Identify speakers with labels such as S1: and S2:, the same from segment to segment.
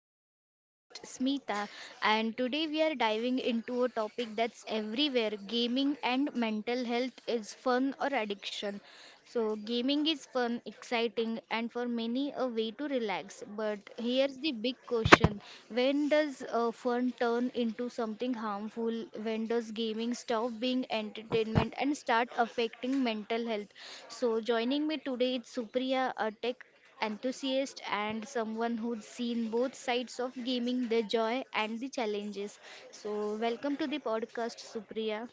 S1: I'm your host, Smita, and today we are diving into a topic that's everywhere, gaming and mental health, is fun or addiction? So, gaming is fun, exciting, and for many a way to relax. But here's the big question, when does fun turn into something harmful? When does gaming stop being entertainment and start affecting mental health? So, joining me today is Supriya, a tech enthusiast and someone who's seen both sides of gaming, the joy and the challenges. So, welcome to the podcast, Supriya.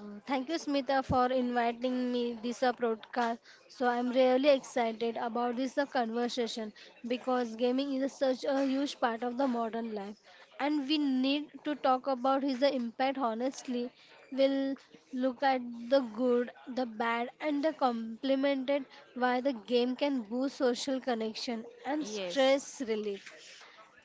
S2: Thank you, Smita, for inviting me this broadcast. So I'm really excited about this conversation because gaming is such a huge part of the modern life, and we need to talk about his impact honestly. We'll look at the good, the bad, and the complemented why the game can boost social connection and
S1: Yes.
S2: stress relief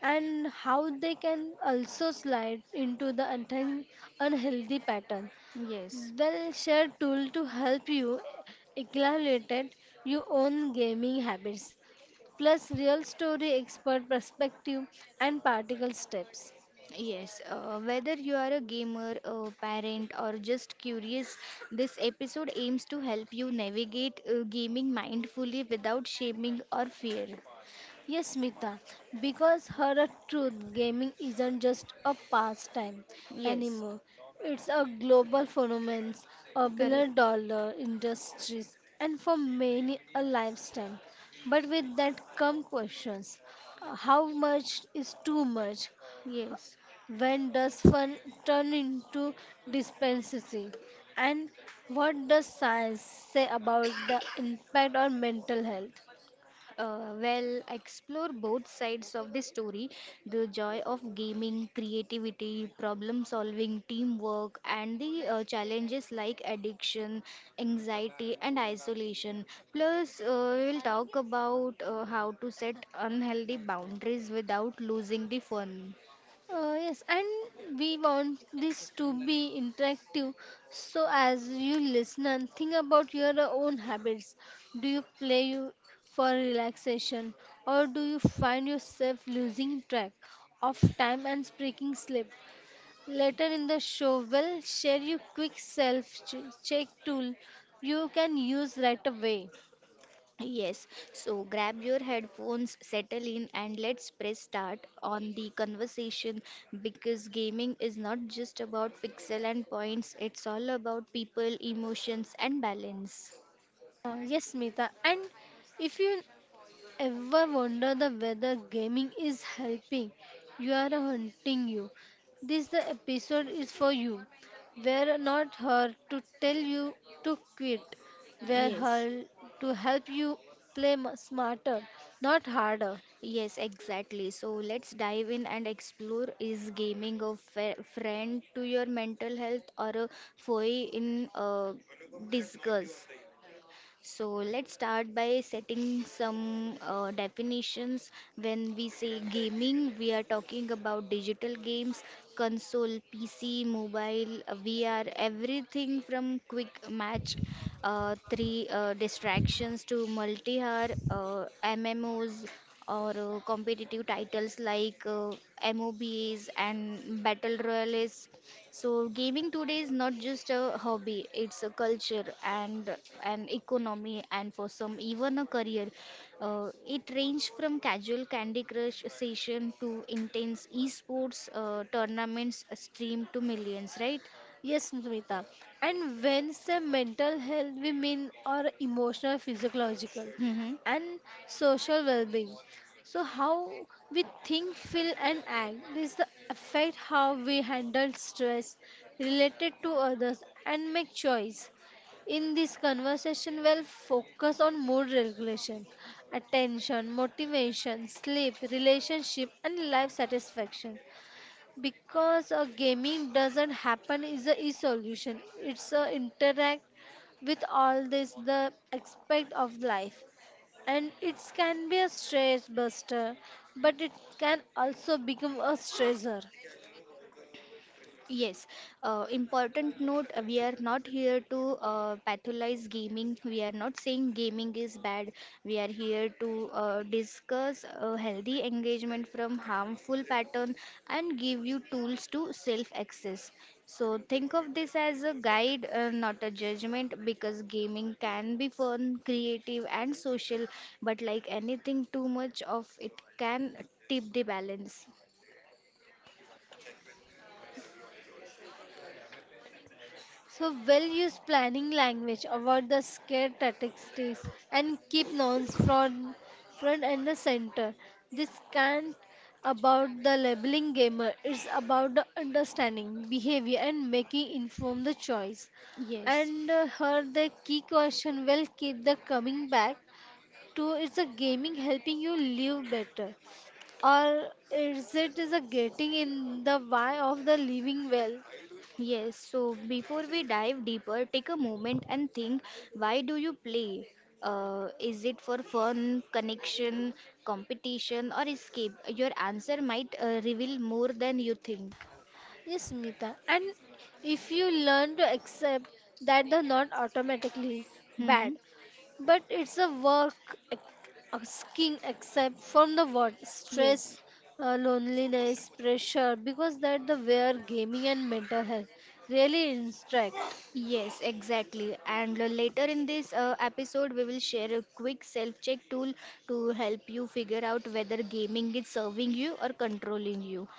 S2: and how they can also slide into the unhealthy pattern.
S1: Yes.
S2: We'll share tool to help you evaluate your own gaming habits, plus real story expert perspective and practical steps.
S1: Yes, whether you are a gamer, a parent, or just curious, this episode aims to help you navigate gaming mindfully without shaming or fear.
S2: Yes, Smita, because her truth, gaming isn't just a pastime
S1: Yes,
S2: anymore. It's a global phenomenon, a billion
S1: correct.
S2: dollar industries, and for many a lifetime. But with that come questions. How much is too much?
S1: Yes.
S2: When does fun turn into dependency? And what does science say about the impact on mental health?
S1: Well, explore both sides of the story, the joy of gaming, creativity, problem solving, teamwork, and the challenges like addiction, anxiety, and isolation. Plus, we will talk about how to set unhealthy boundaries without losing the fun.
S2: Yes, and we want this to be interactive. So, as you listen, think about your own habits. Do you for relaxation, or do you find yourself losing track of time and breaking sleep? Later in the show, we'll share you quick self check tool you can use right away.
S1: Yes, so grab your headphones, settle in, and let's press start on the conversation because gaming is not just about pixel and points, it's all about people, emotions, and balance.
S2: Yes, Smita. And if you ever wonder the whether gaming is helping you are hunting you? This the episode is for you. We're not here to tell you to quit. We're
S1: Yes.
S2: here to help you play smarter, not harder.
S1: Yes, exactly. So let's dive in and explore, is gaming a friend to your mental health or a foe in disguise? So let's start by setting some definitions. When we say gaming, we are talking about digital games, console, PC, mobile, VR, everything from quick match, three distractions to multi-hour MMOs or competitive titles like MOBAs and battle royales. So gaming today is not just a hobby, it's a culture and an economy, and for some even a career. It ranged from casual Candy Crush session to intense esports tournaments streamed to millions, right?
S2: Yes, Smita. And when say mental health, we mean our emotional, physiological,
S1: Hmm.
S2: and social well-being. So how we think, feel, and act this the affect how we handle stress, related to others, and make choice. In this conversation, we'll focus on mood regulation, attention, motivation, sleep, relationship, and life satisfaction because gaming doesn't happen is a solution, it's a interact with all this the aspect of life, and it can be a stress buster, but it can also become a stressor.
S1: Yes, important note, we are not here to pathologize gaming. We are not saying gaming is bad. We are here to discuss healthy engagement from harmful pattern and give you tools to self access. So think of this as a guide, not a judgment, because gaming can be fun, creative, and social, but like anything, too much of it can tip the balance.
S2: So well use planning language, avoid the scare tactics and keep nouns front and the center. This can't about the labeling gamer, it's about the understanding, behavior and making informed the choice.
S1: Yes.
S2: And her the key question will keep the coming back to is the gaming helping you live better? Or is it is a getting in the way of the living well?
S1: Yes, so before we dive deeper, take a moment and think, why do you play? Is it for fun, connection, competition, or escape? Your answer might reveal more than you think.
S2: Yes, Smita. And if you learn to accept that they're not automatically bad,
S1: Hmm.
S2: but it's a work ac- asking accept from the what stress,
S1: Yes.
S2: loneliness, pressure, because that the where gaming and mental health really interact.
S1: Yes, exactly. And later in this episode, we will share a quick self check tool to help you figure out whether gaming is serving you or controlling you.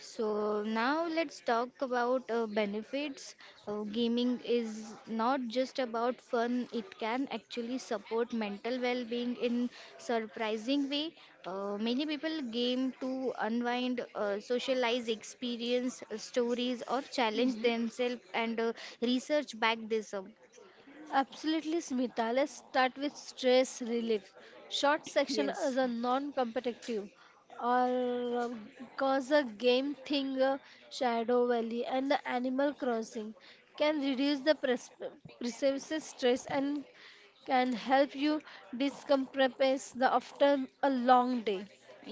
S1: So now let's talk about benefits. Gaming is not just about fun, it can actually support mental well-being in surprising way. Many people game to unwind, socialize, experience stories or challenge themselves, and research back this up.
S2: Absolutely, Smita. Let's start with stress relief. Short section
S1: Yes.
S2: is a non-competitive or cause a game thing, Shadow Valley, and the Animal Crossing can reduce the perceived stress and can help you decompress the after a long day.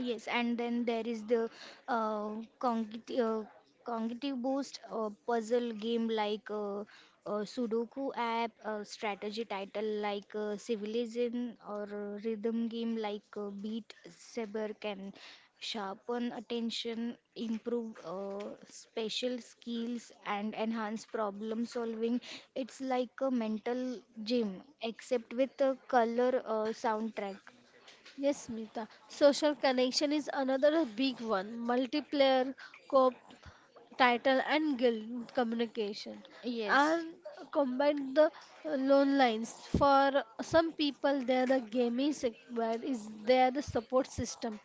S1: Yes, and then there is the uh, cognitive, uh, cognitive boost, puzzle game like Sudoku app, strategy title like Civilization, or rhythm game like Beat Saber can sharpen attention, improve special skills, and enhance problem solving. It's like a mental gym, except with a color soundtrack.
S2: Yes, Smita. Social connection is another big one. Multiplayer co-op title and guild communication are
S1: Yes.
S2: combined the loan lines for some people they are the gaming sector is they are the support system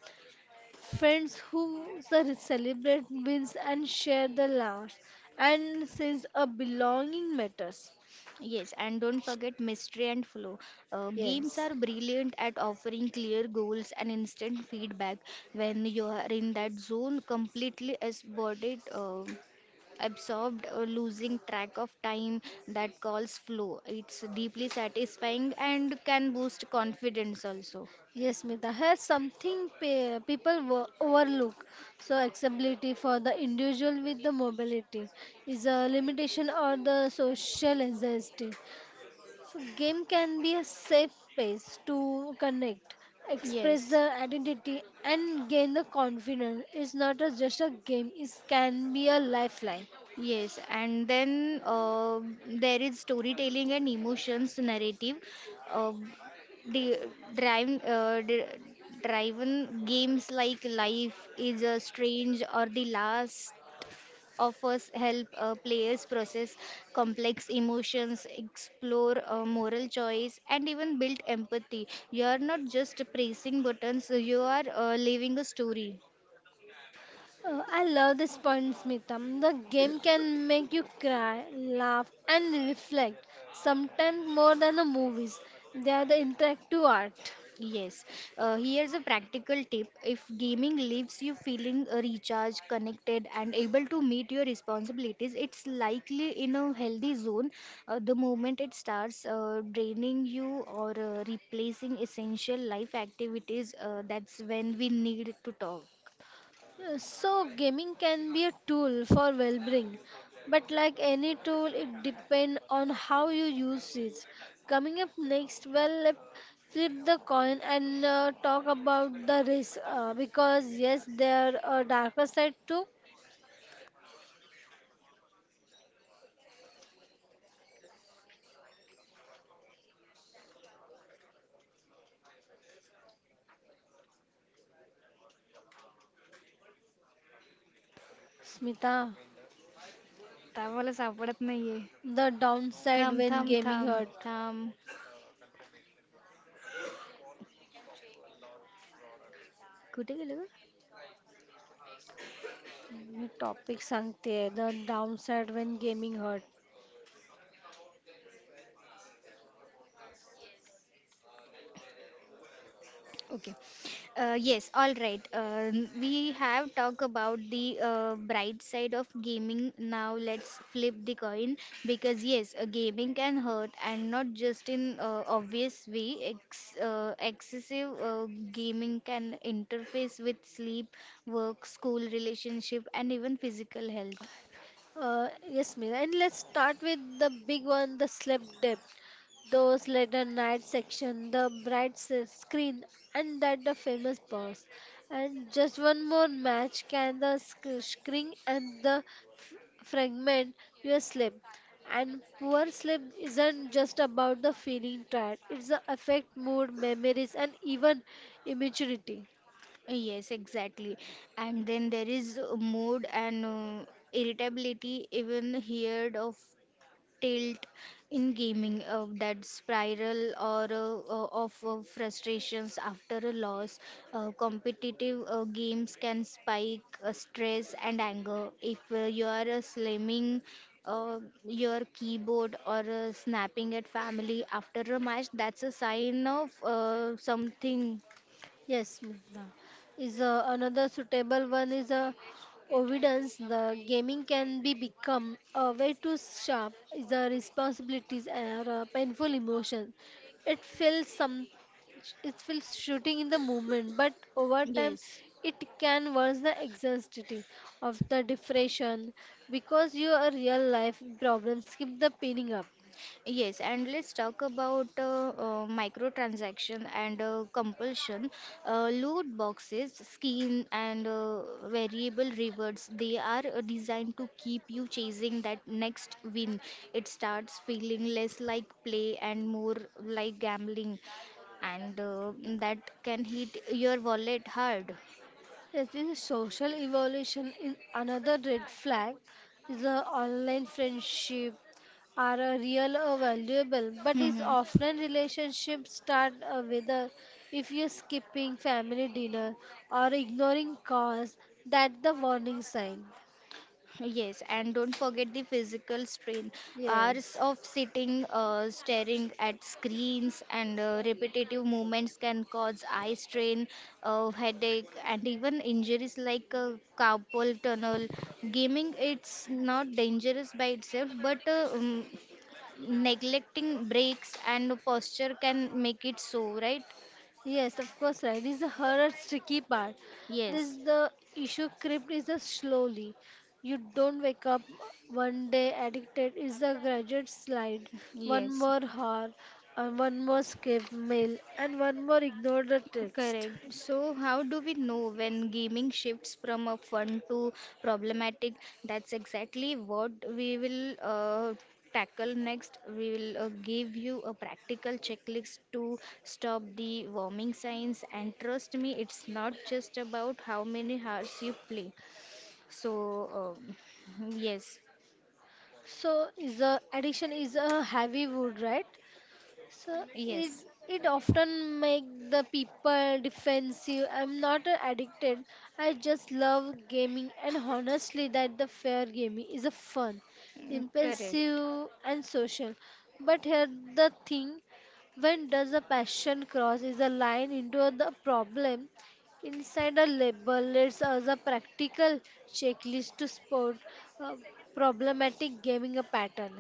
S2: friends who celebrate wins and share the laughs and since a belonging matters.
S1: Yes, and don't forget mystery and flow. Games
S2: Yes,
S1: are brilliant at offering clear goals and instant feedback. When you are in that zone, completely absorbed, losing track of time, that calls flow. It's deeply satisfying and can boost confidence also.
S2: yes, Mita. Here's something pe people overlook. So, accessibility for the individual with the mobility is a limitation or the social anxiety. So game can be a safe space to connect, express
S1: Yes.
S2: the identity and gain the confidence. It's not a, just a game, it can be a lifeline.
S1: Yes, and then there is storytelling and emotions narrative, uh, the the driven games like Life is a Strange or The Last of Us help players process complex emotions, explore moral choice, and even build empathy. You are not just pressing buttons; you are living a story.
S2: I love this point, Smitham. The game can make you cry, laugh and reflect, sometimes more than the movies. They are the interactive art.
S1: Yes, here's a practical tip. If gaming leaves you feeling recharged, connected, and able to meet your responsibilities, it's likely in a healthy zone. The moment it starts draining you or replacing essential life activities, that's when we need to talk.
S2: So gaming can be a tool for well being, but like any tool, it depends on how you use it. Coming up next, well, let flip the coin and talk about the risk because, yes, there are darker side too. Smita,
S1: आता मला सापडत नाहीये.
S2: the downside
S1: थांब
S2: when
S1: थांब
S2: gaming
S1: थांब
S2: hurt.
S1: थांब, कुठे गेलं?
S2: मी टॉपिक सांगते the downside when gaming hurt
S1: Okay. Yes, all right. We have talked about the bright side of gaming. Now let's flip the coin because yes, gaming can hurt, and not just in obvious way. Excessive gaming can interface with sleep, work, school relationship, and even physical health.
S2: Yes, Meera. And let's start with the big one, the sleep debt. Those later night section, the bright screen, and that the famous boss. And just one more match can the screen and the f- fragment your sleep. And poor sleep isn't just about the feeling tired. It's the affect mood, memories, and even immaturity.
S1: Yes, exactly. And then there is mood and irritability, even heard of tilt in gaming, that spiral or of frustrations after a loss. Competitive games can spike stress and anger if you are slamming uh, your keyboard or snapping at family after a match. That's a sign of something.
S2: Yes, Meghna. Is Another suitable one is evidence. The gaming can be become a way to sharp is the responsibilities or painful emotion. It feels some, it feels shooting in the moment, but over time,
S1: Yes.
S2: it can worsen the anxiety of the depression because your real life problems keep the pinning up.
S1: Yes, and let's talk about microtransaction and compulsion. Loot boxes, skin, and variable rewards, they are designed to keep you chasing that next win. It starts feeling less like play and more like gambling, and that can hit your wallet hard.
S2: Yes, this is social evolution in another red flag is a online friendship are a real or valuable, but is offline relationship start whether if you're skipping family dinner or ignoring calls, that's the warning sign.
S1: Yes, and don't forget the physical strain. Hours
S2: Yes.
S1: of sitting, staring at screens, and repetitive movements can cause eye strain, headache, and even injuries like carpal tunnel. Gaming, it's not dangerous by itself, but neglecting breaks and posture can make it so, right?
S2: Yes, of course, right. This is the horror tricky part. This
S1: Yes,
S2: the issue creep is a slowly. You don't wake up one day addicted. It's a graduate slide. One
S1: yes.
S2: more hour, and one more escape mail, and one more ignore the text.
S1: Correct. So, how do we know when gaming shifts from a fun to problematic? That's exactly what we will tackle next. We will give you a practical checklist to stop the warming signs. And trust me, it's not just about how many hours you play. So, um yes,
S2: So is a addiction is a heavy wood, right? So it
S1: yes,
S2: it often make the people defensive. I'm not addicted. I just love gaming and honestly that the fair gaming is a fun,
S1: mm, correct.
S2: impulsive and social. But here the thing, when does a passion cross is a line into the problem? Inside a label, it's as a practical checklist to spot uh, problematic gaming a pattern.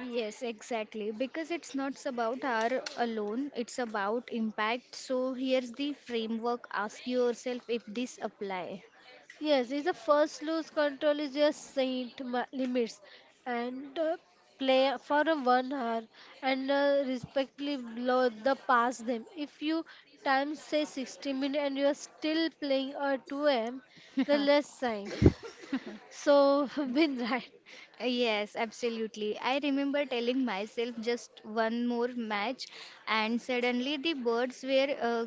S1: Yes, exactly. Because it's not about our alone, it's about impact. So here's the framework. Ask yourself if this apply.
S2: Yes, is a first lose control is your saint limits and play for a one hour and respectively blow the past them. If you time say 60 minutes and you are still playing at 2 a.m., the less sign. So win right.
S1: Yes, absolutely. I remember telling myself just one more match, and suddenly the birds were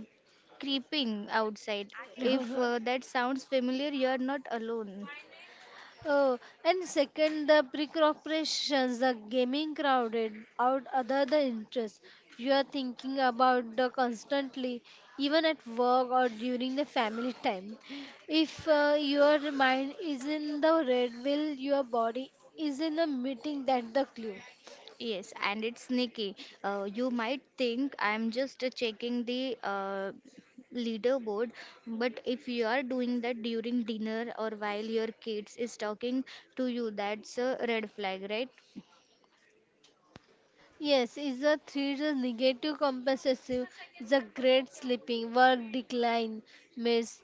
S1: creeping outside. If that sounds familiar, you are not alone.
S2: Oh, and second, the pre-corporations, the gaming crowded out other the interests. You are thinking about the constantly, even at work or during the family time. If your mind is in the red, will your body is in a meeting that the clue.
S1: Yes, and it's sneaky. You might think I'm just checking the leaderboard, but if you are doing that during dinner or while your kids is talking to you, that's a red flag, right?
S2: Yes, is the three the negative compensative, the great sleeping, work decline, miss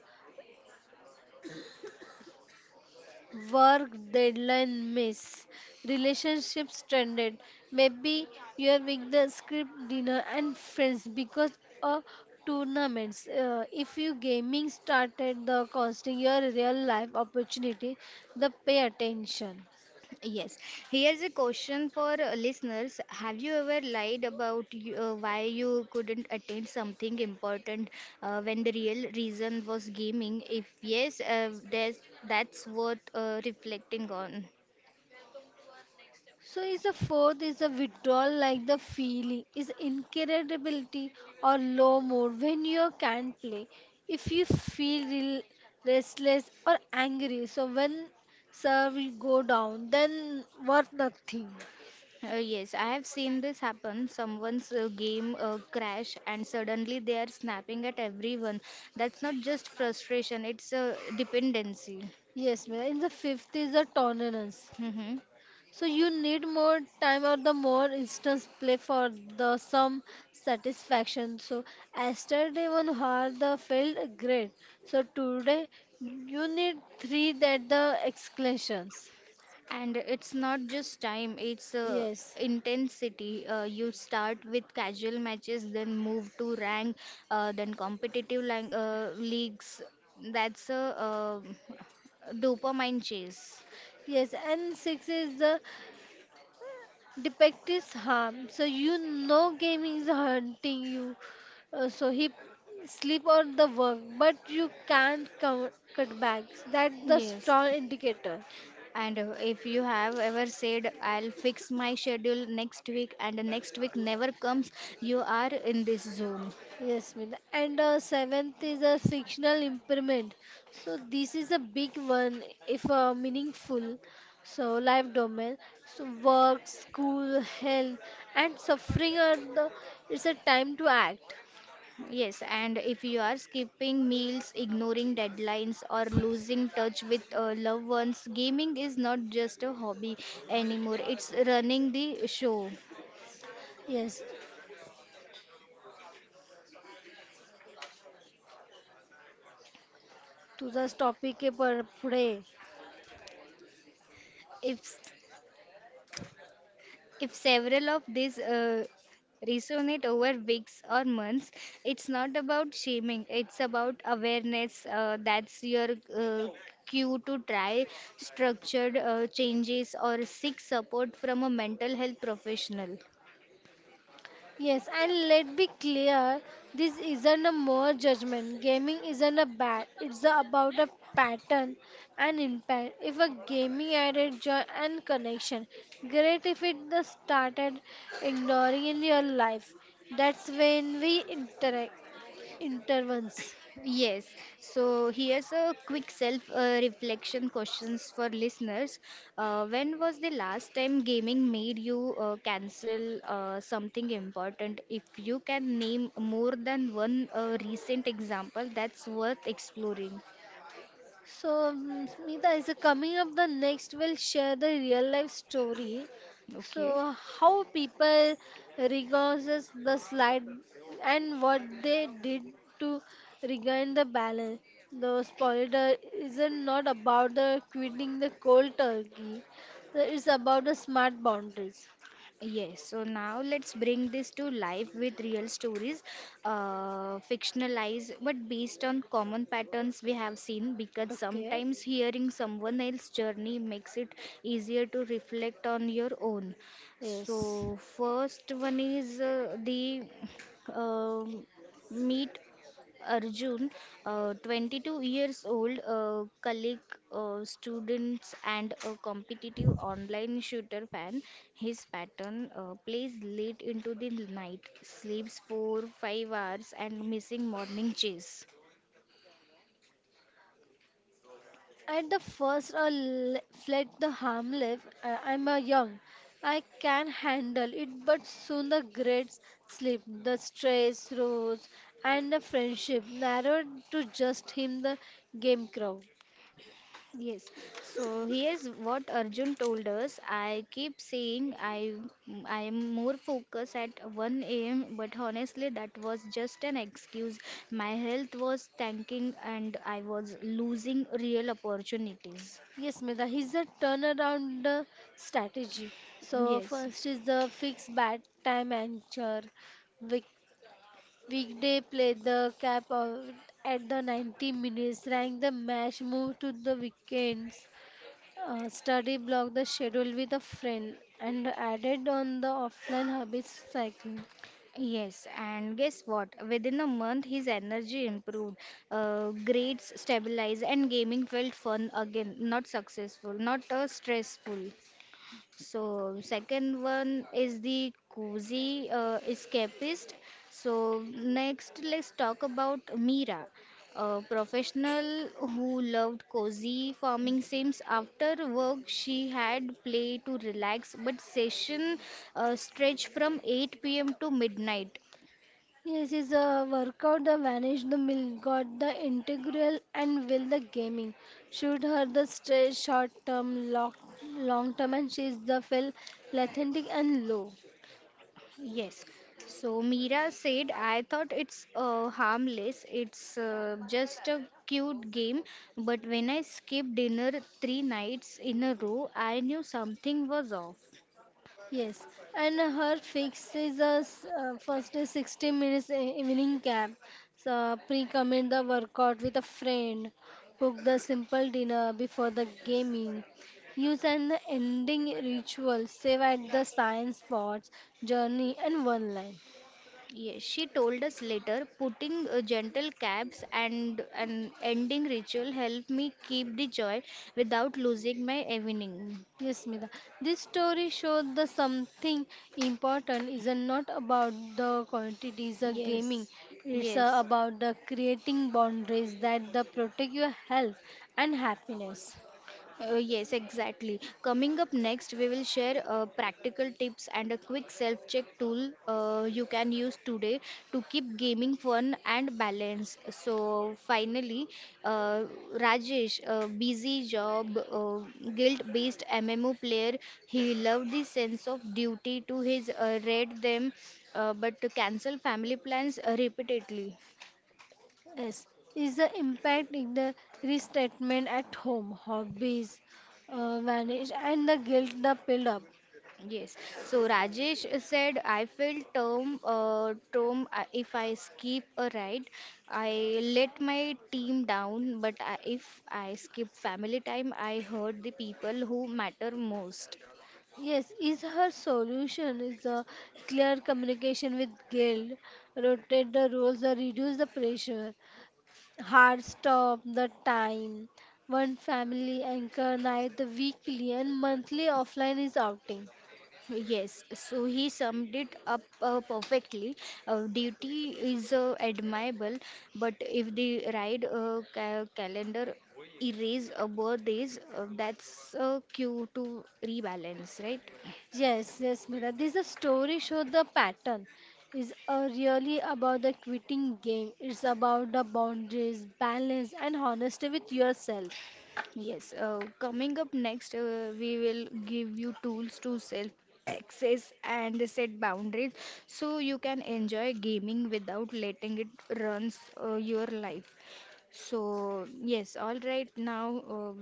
S2: work deadline miss, relationships stranded, maybe you're with the script dinner and friends because of tournaments. If you gaming started the costing your real life opportunity, the pay attention.
S1: Yes. Here's a question for listeners. Have you ever lied about why you couldn't attend something important when the real reason was gaming? If yes, that's worth reflecting on.
S2: So is the fourth is the withdrawal like the feeling is incredibility or low mood when you can't play. If you feel restless or angry, so when serve will go down, then worth nothing.
S1: Yes, I have seen this happen. Someone's game crash and suddenly they are snapping at everyone. That's not just frustration, it's a dependency.
S2: Yes, ma'am. In the fifth is the tolerance.
S1: Hmm.
S2: So you need more time or the more instance play for the some satisfaction. So yesterday one hour the failed great. So today you need three that the exclamations.
S1: And it's not just time, it's
S2: Yes.
S1: intensity. You start with casual matches, then move to rank, then competitive leagues. That's a dopamine chase.
S2: Yes, and six is the defective harm. So you know gaming is hunting you. So he sleep or the work, but you can't cut back. That's the
S1: Yes.
S2: strong indicator.
S1: And if you have ever said, I'll fix my schedule next week, and the next week never comes, you are in this zone.
S2: Yes, Meena. And seventh is a fictional impairment. So this is a big one, if meaningful. So life domain, so work, school, health, and suffering are the. It's a time to act.
S1: Yes, and if you are skipping meals, ignoring deadlines, or losing touch with loved ones, gaming is not just a hobby anymore, it's running the show.
S2: Yes, तुझाच topic आहे पर पुढे
S1: If If several of these resonate over weeks or months, it's not about shaming, it's about awareness. That's your uh, cue to try structured changes or seek support from a mental health professional.
S2: Yes, and let be clear, this isn't a more judgment. Gaming isn't a bad. It's a- about a pattern and impact. If a gaming added joy and connection, great. If it the started ignoring in your life, that's when we interact intervenes.
S1: Yes, so here's a quick self reflection questions for listeners. When was the last time gaming made you cancel something important? If you can name more than one recent example, that's worth exploring.
S2: So, Smita, is coming up the next, we'll share the real life story.
S1: Okay.
S2: So, how people regains the slide and what they did to regain the balance. The spoiler isn't not about the quitting the cold turkey. It's about the smart boundaries.
S1: Yes, so now let's bring this to life with real stories, fictionalized but based on common patterns we have seen. Because
S2: Okay.
S1: sometimes hearing someone else's journey makes it easier to reflect on your own.
S2: Yes.
S1: So, first one is the um meat Arjun, 22 years old, colleague, students, and a competitive online shooter fan. His pattern, plays late into the night, sleeps 4 5 hours, and missing morning chase.
S2: At the first, I let the harm live. I'm a young. I can handle it, but soon the grades slip, the stress rose, and the friendship narrowed to just him, the game crowd.
S1: Yes. So here's what Arjun told us. I keep saying I am more focused at 1 a.m., but honestly that was just an excuse. My health was tanking and I was losing real opportunities.
S2: Yes, Meda, he's a turnaround strategy. So,
S1: Yes.
S2: first is the fixed bat time anchor. Week- Weekday play the cap out at the 90 minutes, rank the match, move to the weekends. Study block the schedule with a friend and added on the offline habits cycling.
S1: Yes, and guess what? Within a month, his energy improved, grades stabilized, and gaming felt fun again. Not successful, not stressful. So second one is the cozy escapist. So next let's talk about Mira, a professional who loved cozy farming sims. After work, she had play to relax, but session stretched from 8 p.m. to midnight.
S2: Yes, is a workout the vanish the mill got the integral and will the gaming. Shoot her the stress short term, long term and she is the feel lethargic and low.
S1: Yes. So Mira said, I thought it's harmless. It's just a cute game. But when I skipped dinner three nights in a row, I knew something was off.
S2: Yes, and her fix is a first is 60 minutes evening camp. So pre-commit the workout with a friend, cook the simple dinner before the gaming, use an ending ritual, save at the science spots, journey and one line.
S1: Yes, she told us later, putting gentle caps and an ending ritual helped me keep the joy without losing my evening.
S2: Yes, Smita. This story showed the something important is not about the quantities of gaming.
S1: Yes,
S2: It's
S1: yes.
S2: about the creating boundaries that the protect your health and happiness.
S1: Yes, exactly. Coming up next, we will share practical tips and a quick self check tool you can use today to keep gaming fun and balanced. So, finally, uh, Rajesh, a busy job, guild based MMO player, he loved the sense of duty to his read them, but to cancel family plans repeatedly.
S2: Yes, is the impact in the restatement at home, hobbies vanish, and the guilt the build up.
S1: Yes. So Rajesh said, I felt term, if I skip a ride, I let my team down. But if I skip family time, I hurt the people who matter most.
S2: Yes, is her solution is a clear communication with guilt, rotate the roles, or reduce the pressure. Hard stop the time. One family anchor night, the weekly and monthly offline is outing.
S1: Yes, so he summed it up perfectly. Duty is admirable, but if the ride calendar erase birthdays, that's a cue to rebalance, right?
S2: Yes, yes, Mira. This is a story show the pattern. Is really about the quitting game. It's about the boundaries, balance, and honesty with yourself.
S1: Yes, coming up next, we will give you tools to self access and set boundaries so you can enjoy gaming without letting it runs your life. So, yes, all right, now uh,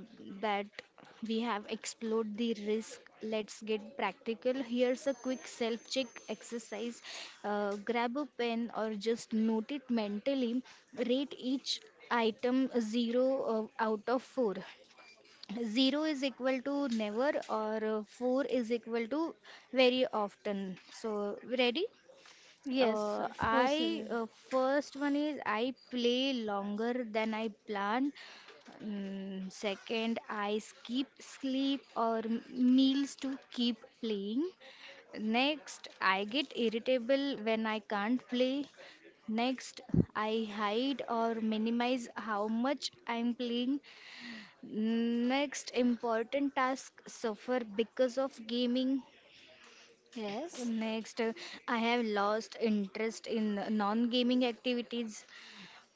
S1: that we have explored the risk, let's get practical. Here's a quick self check exercise. Grab a pen or just note it mentally, rate each item 0 out of 4. 0 is equal to never, or 4 is equal to very often. So ready?
S2: Yes,
S1: uh,
S2: of course.
S1: i
S2: Sarah.
S1: uh, first one is I play longer than I planned. Second, I skip sleep or meals to keep playing. Next, I get irritable when I can't play. Next, I hide or minimize how much I'm playing. Next, important task suffer because of gaming.
S2: Yes.
S1: Next, I have lost interest in non-gaming activities.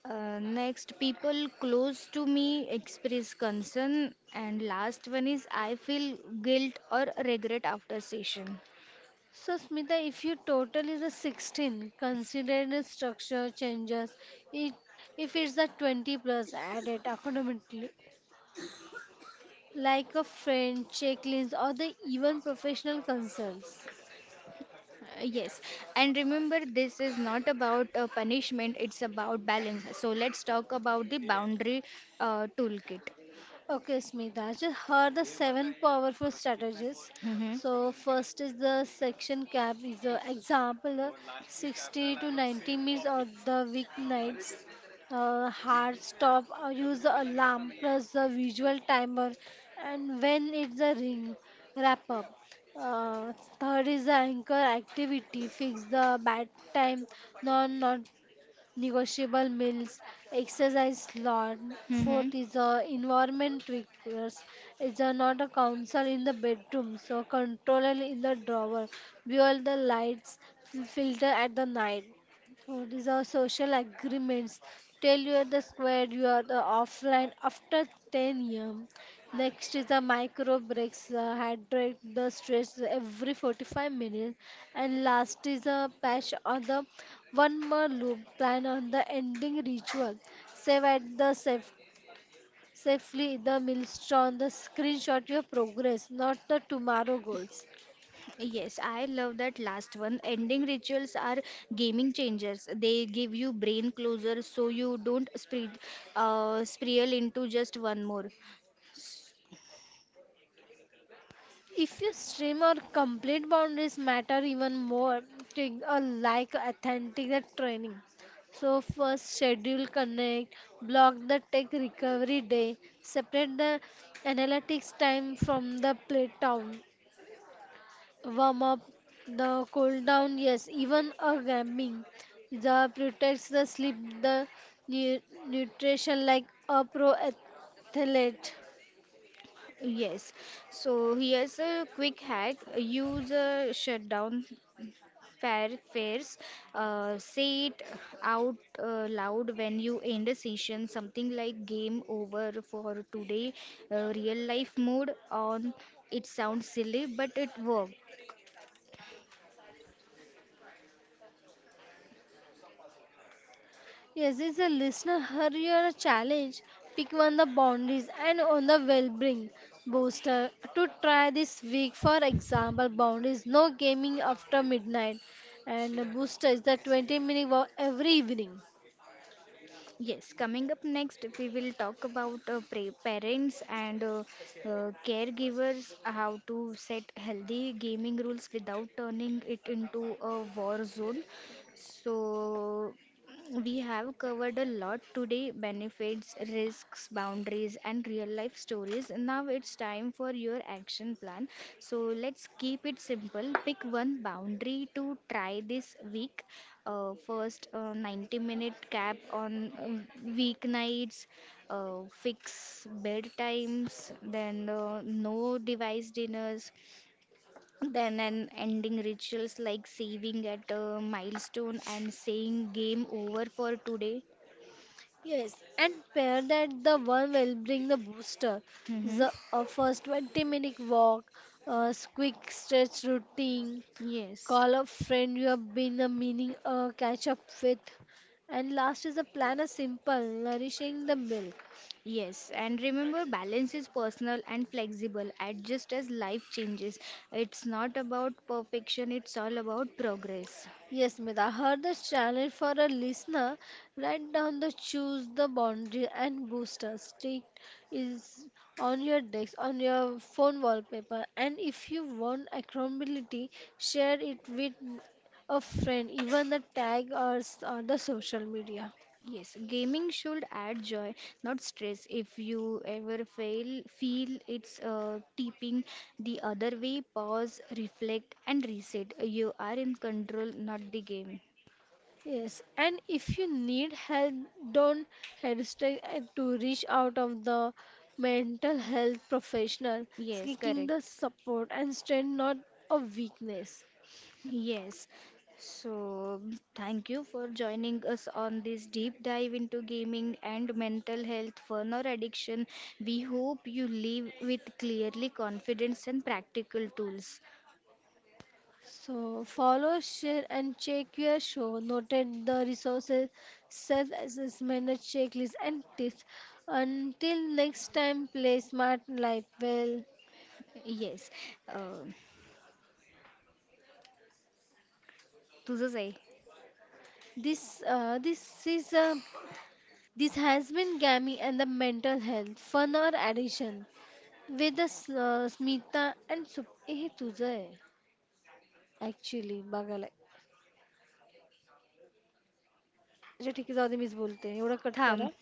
S1: Next, people close to me express concern. And last one is I feel guilt or regret after session.
S2: So, Smita, if your total is a 16, consider the structure changes. It, if it's a 20 plus, add it accordingly. Like a friend, checklist, or the even professional concerns.
S1: Yes, and remember, this is not about punishment, it's about balance. So, let's talk about the boundary toolkit.
S2: Okay, Smita, I just heard the seven powerful strategies.
S1: Mm-hmm.
S2: So first is the section cap is the example, 60 to 90 minutes or the weeknights. Hard stop, or use the alarm plus the visual timer, and when it's a ring, wrap up. Uh, Third is the anchor activity, fix the bad time, non not negotiable meals, exercise slot.
S1: Mm-hmm.
S2: Fourth is environment tweakers. It's not a council in the bedroom, so controller in the drawer. View the lights, filter at the night. Fourth is our social agreements? Tell you are the square you are the offline after 10 a.m. Next is the micro breaks, hydrate the stress every 45 minutes. And last is a patch on the one more loop, plan on the ending ritual. Save at the safe, safely the milestone, the screenshot your progress, not the tomorrow goals.
S1: Yes, I love that last one. Ending rituals are gaming changers. They give you brain closure so you don't spiral into just one more.
S2: If you stream or complete boundaries matter even more, take a like authentic that training. So first schedule connect, block the tech recovery day, separate the analytics time from the play time, warm up the cool down, yes, even a gaming. The protects the sleep, the nu- nutrition like a pro athlete.
S1: Yes. So here's a quick hack. Use a shutdown fair fares. Say it out loud when you end a session. Something like game over for today. Real life mode on. It sounds silly, but it works.
S2: Yes, it's a listener hurrier challenge. Pick one the boundaries and on the well-being booster to try this week. For example, boundaries no gaming after midnight, and booster is the 20-minute walk every evening.
S1: Yes, coming up next, we will talk about parents and caregivers how to set healthy gaming rules without turning it into a war zone. So, we have covered a lot today: benefits, risks, boundaries, and real life stories. Now it's time for your action plan. So, let's keep it simple. Pick one boundary to try this week. First, 90-minute minute cap on weeknights, fix bedtimes, then no device dinners, then an ending rituals like saving at a milestone and saying game over for today.
S2: Yes, and pair that the one will bring the booster.
S1: Hmm.
S2: The first 20-minute walk, a quick stretch routine,
S1: Yes.
S2: call a friend you have been a meaning catch up with, and last is a plan a simple nourishing the milk.
S1: Yes, and remember, balance is personal and flexible. Adjust as life changes. It's not about perfection, it's all about progress.
S2: Yes, Mida, heard the challenge for a listener. Write down the choose the boundary and booster stick is on your desk, on your phone wallpaper. And if you want accountability, share it with a friend, even the tag or the social media.
S1: Yes, gaming should add joy, not stress. If you ever fail, feel it's tipping the other way, pause, reflect, and reset. You are in control, not the game.
S2: Yes, and if you need help, don't hesitate to reach out of the mental health professional,
S1: Yes,
S2: seeking
S1: correct.
S2: the support and strength, not a weakness.
S1: Yes. So, thank you for joining us on this deep dive into gaming and mental health, fun or addiction. We hope you leave with clearly confidence and practical tools.
S2: So follow, share, and check your show. Noted the resources, self-assessment, a checklist, and tips. Until next time, play smart life well.
S1: Yes. Uh, तुझंच आहे.
S2: This this is a this has been Gammy and the mental health fun or addiction. Vedas, Smita, and Subehi toozay. Actually, bagalay. I just like to say this. You know, cut it
S1: थांब.
S2: out.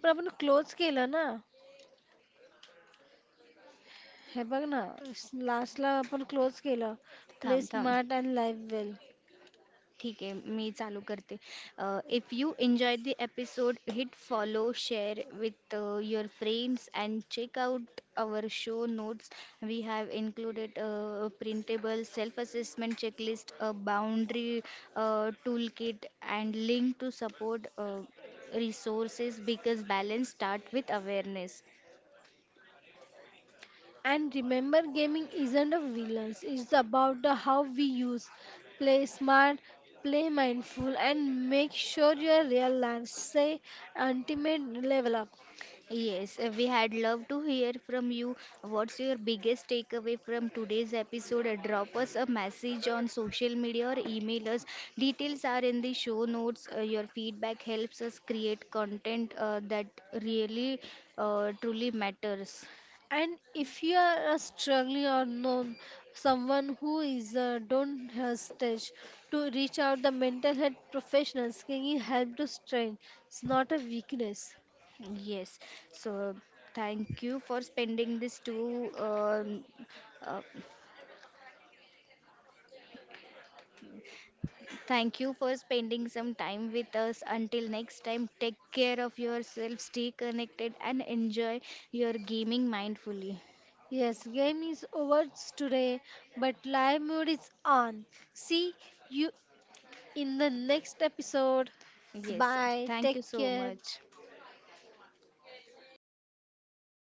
S2: But you know, close game, na? Hey, bag na. Last lap, you know, close game. Play
S1: थांब थांब.
S2: smart and live well.
S1: ठीक है मी चालू करते. If you enjoy the episode hit follow share with your friends and check out our show notes. We have included printable self assessment checklist a boundary tool kit and link to support resources because balance start with awareness.
S2: And remember, gaming isn't a villain. It's about the how we use. Play smart. Play mindful. And make sure your real life say ultimate level up.
S1: Yes, we had loved to hear from you. What's your biggest takeaway from today's episode? Drop us a message on social media or email us. Details are in the show notes. Your feedback helps us create content that really truly matters.
S2: And if you are a struggling or known someone who is, don't hesitate to reach out the mental health professionals. Seeking help to strength. It's not a weakness.
S1: Yes, so thank you for spending this two uh, Thank you for spending some time with us. Until next time, take care of yourself, stay connected, and enjoy your gaming mindfully.
S2: Yes, game is over today, but live mode is on. See you in the next episode.
S1: Yes,
S2: Bye.
S1: thank
S2: Take
S1: you so
S2: care.
S1: much.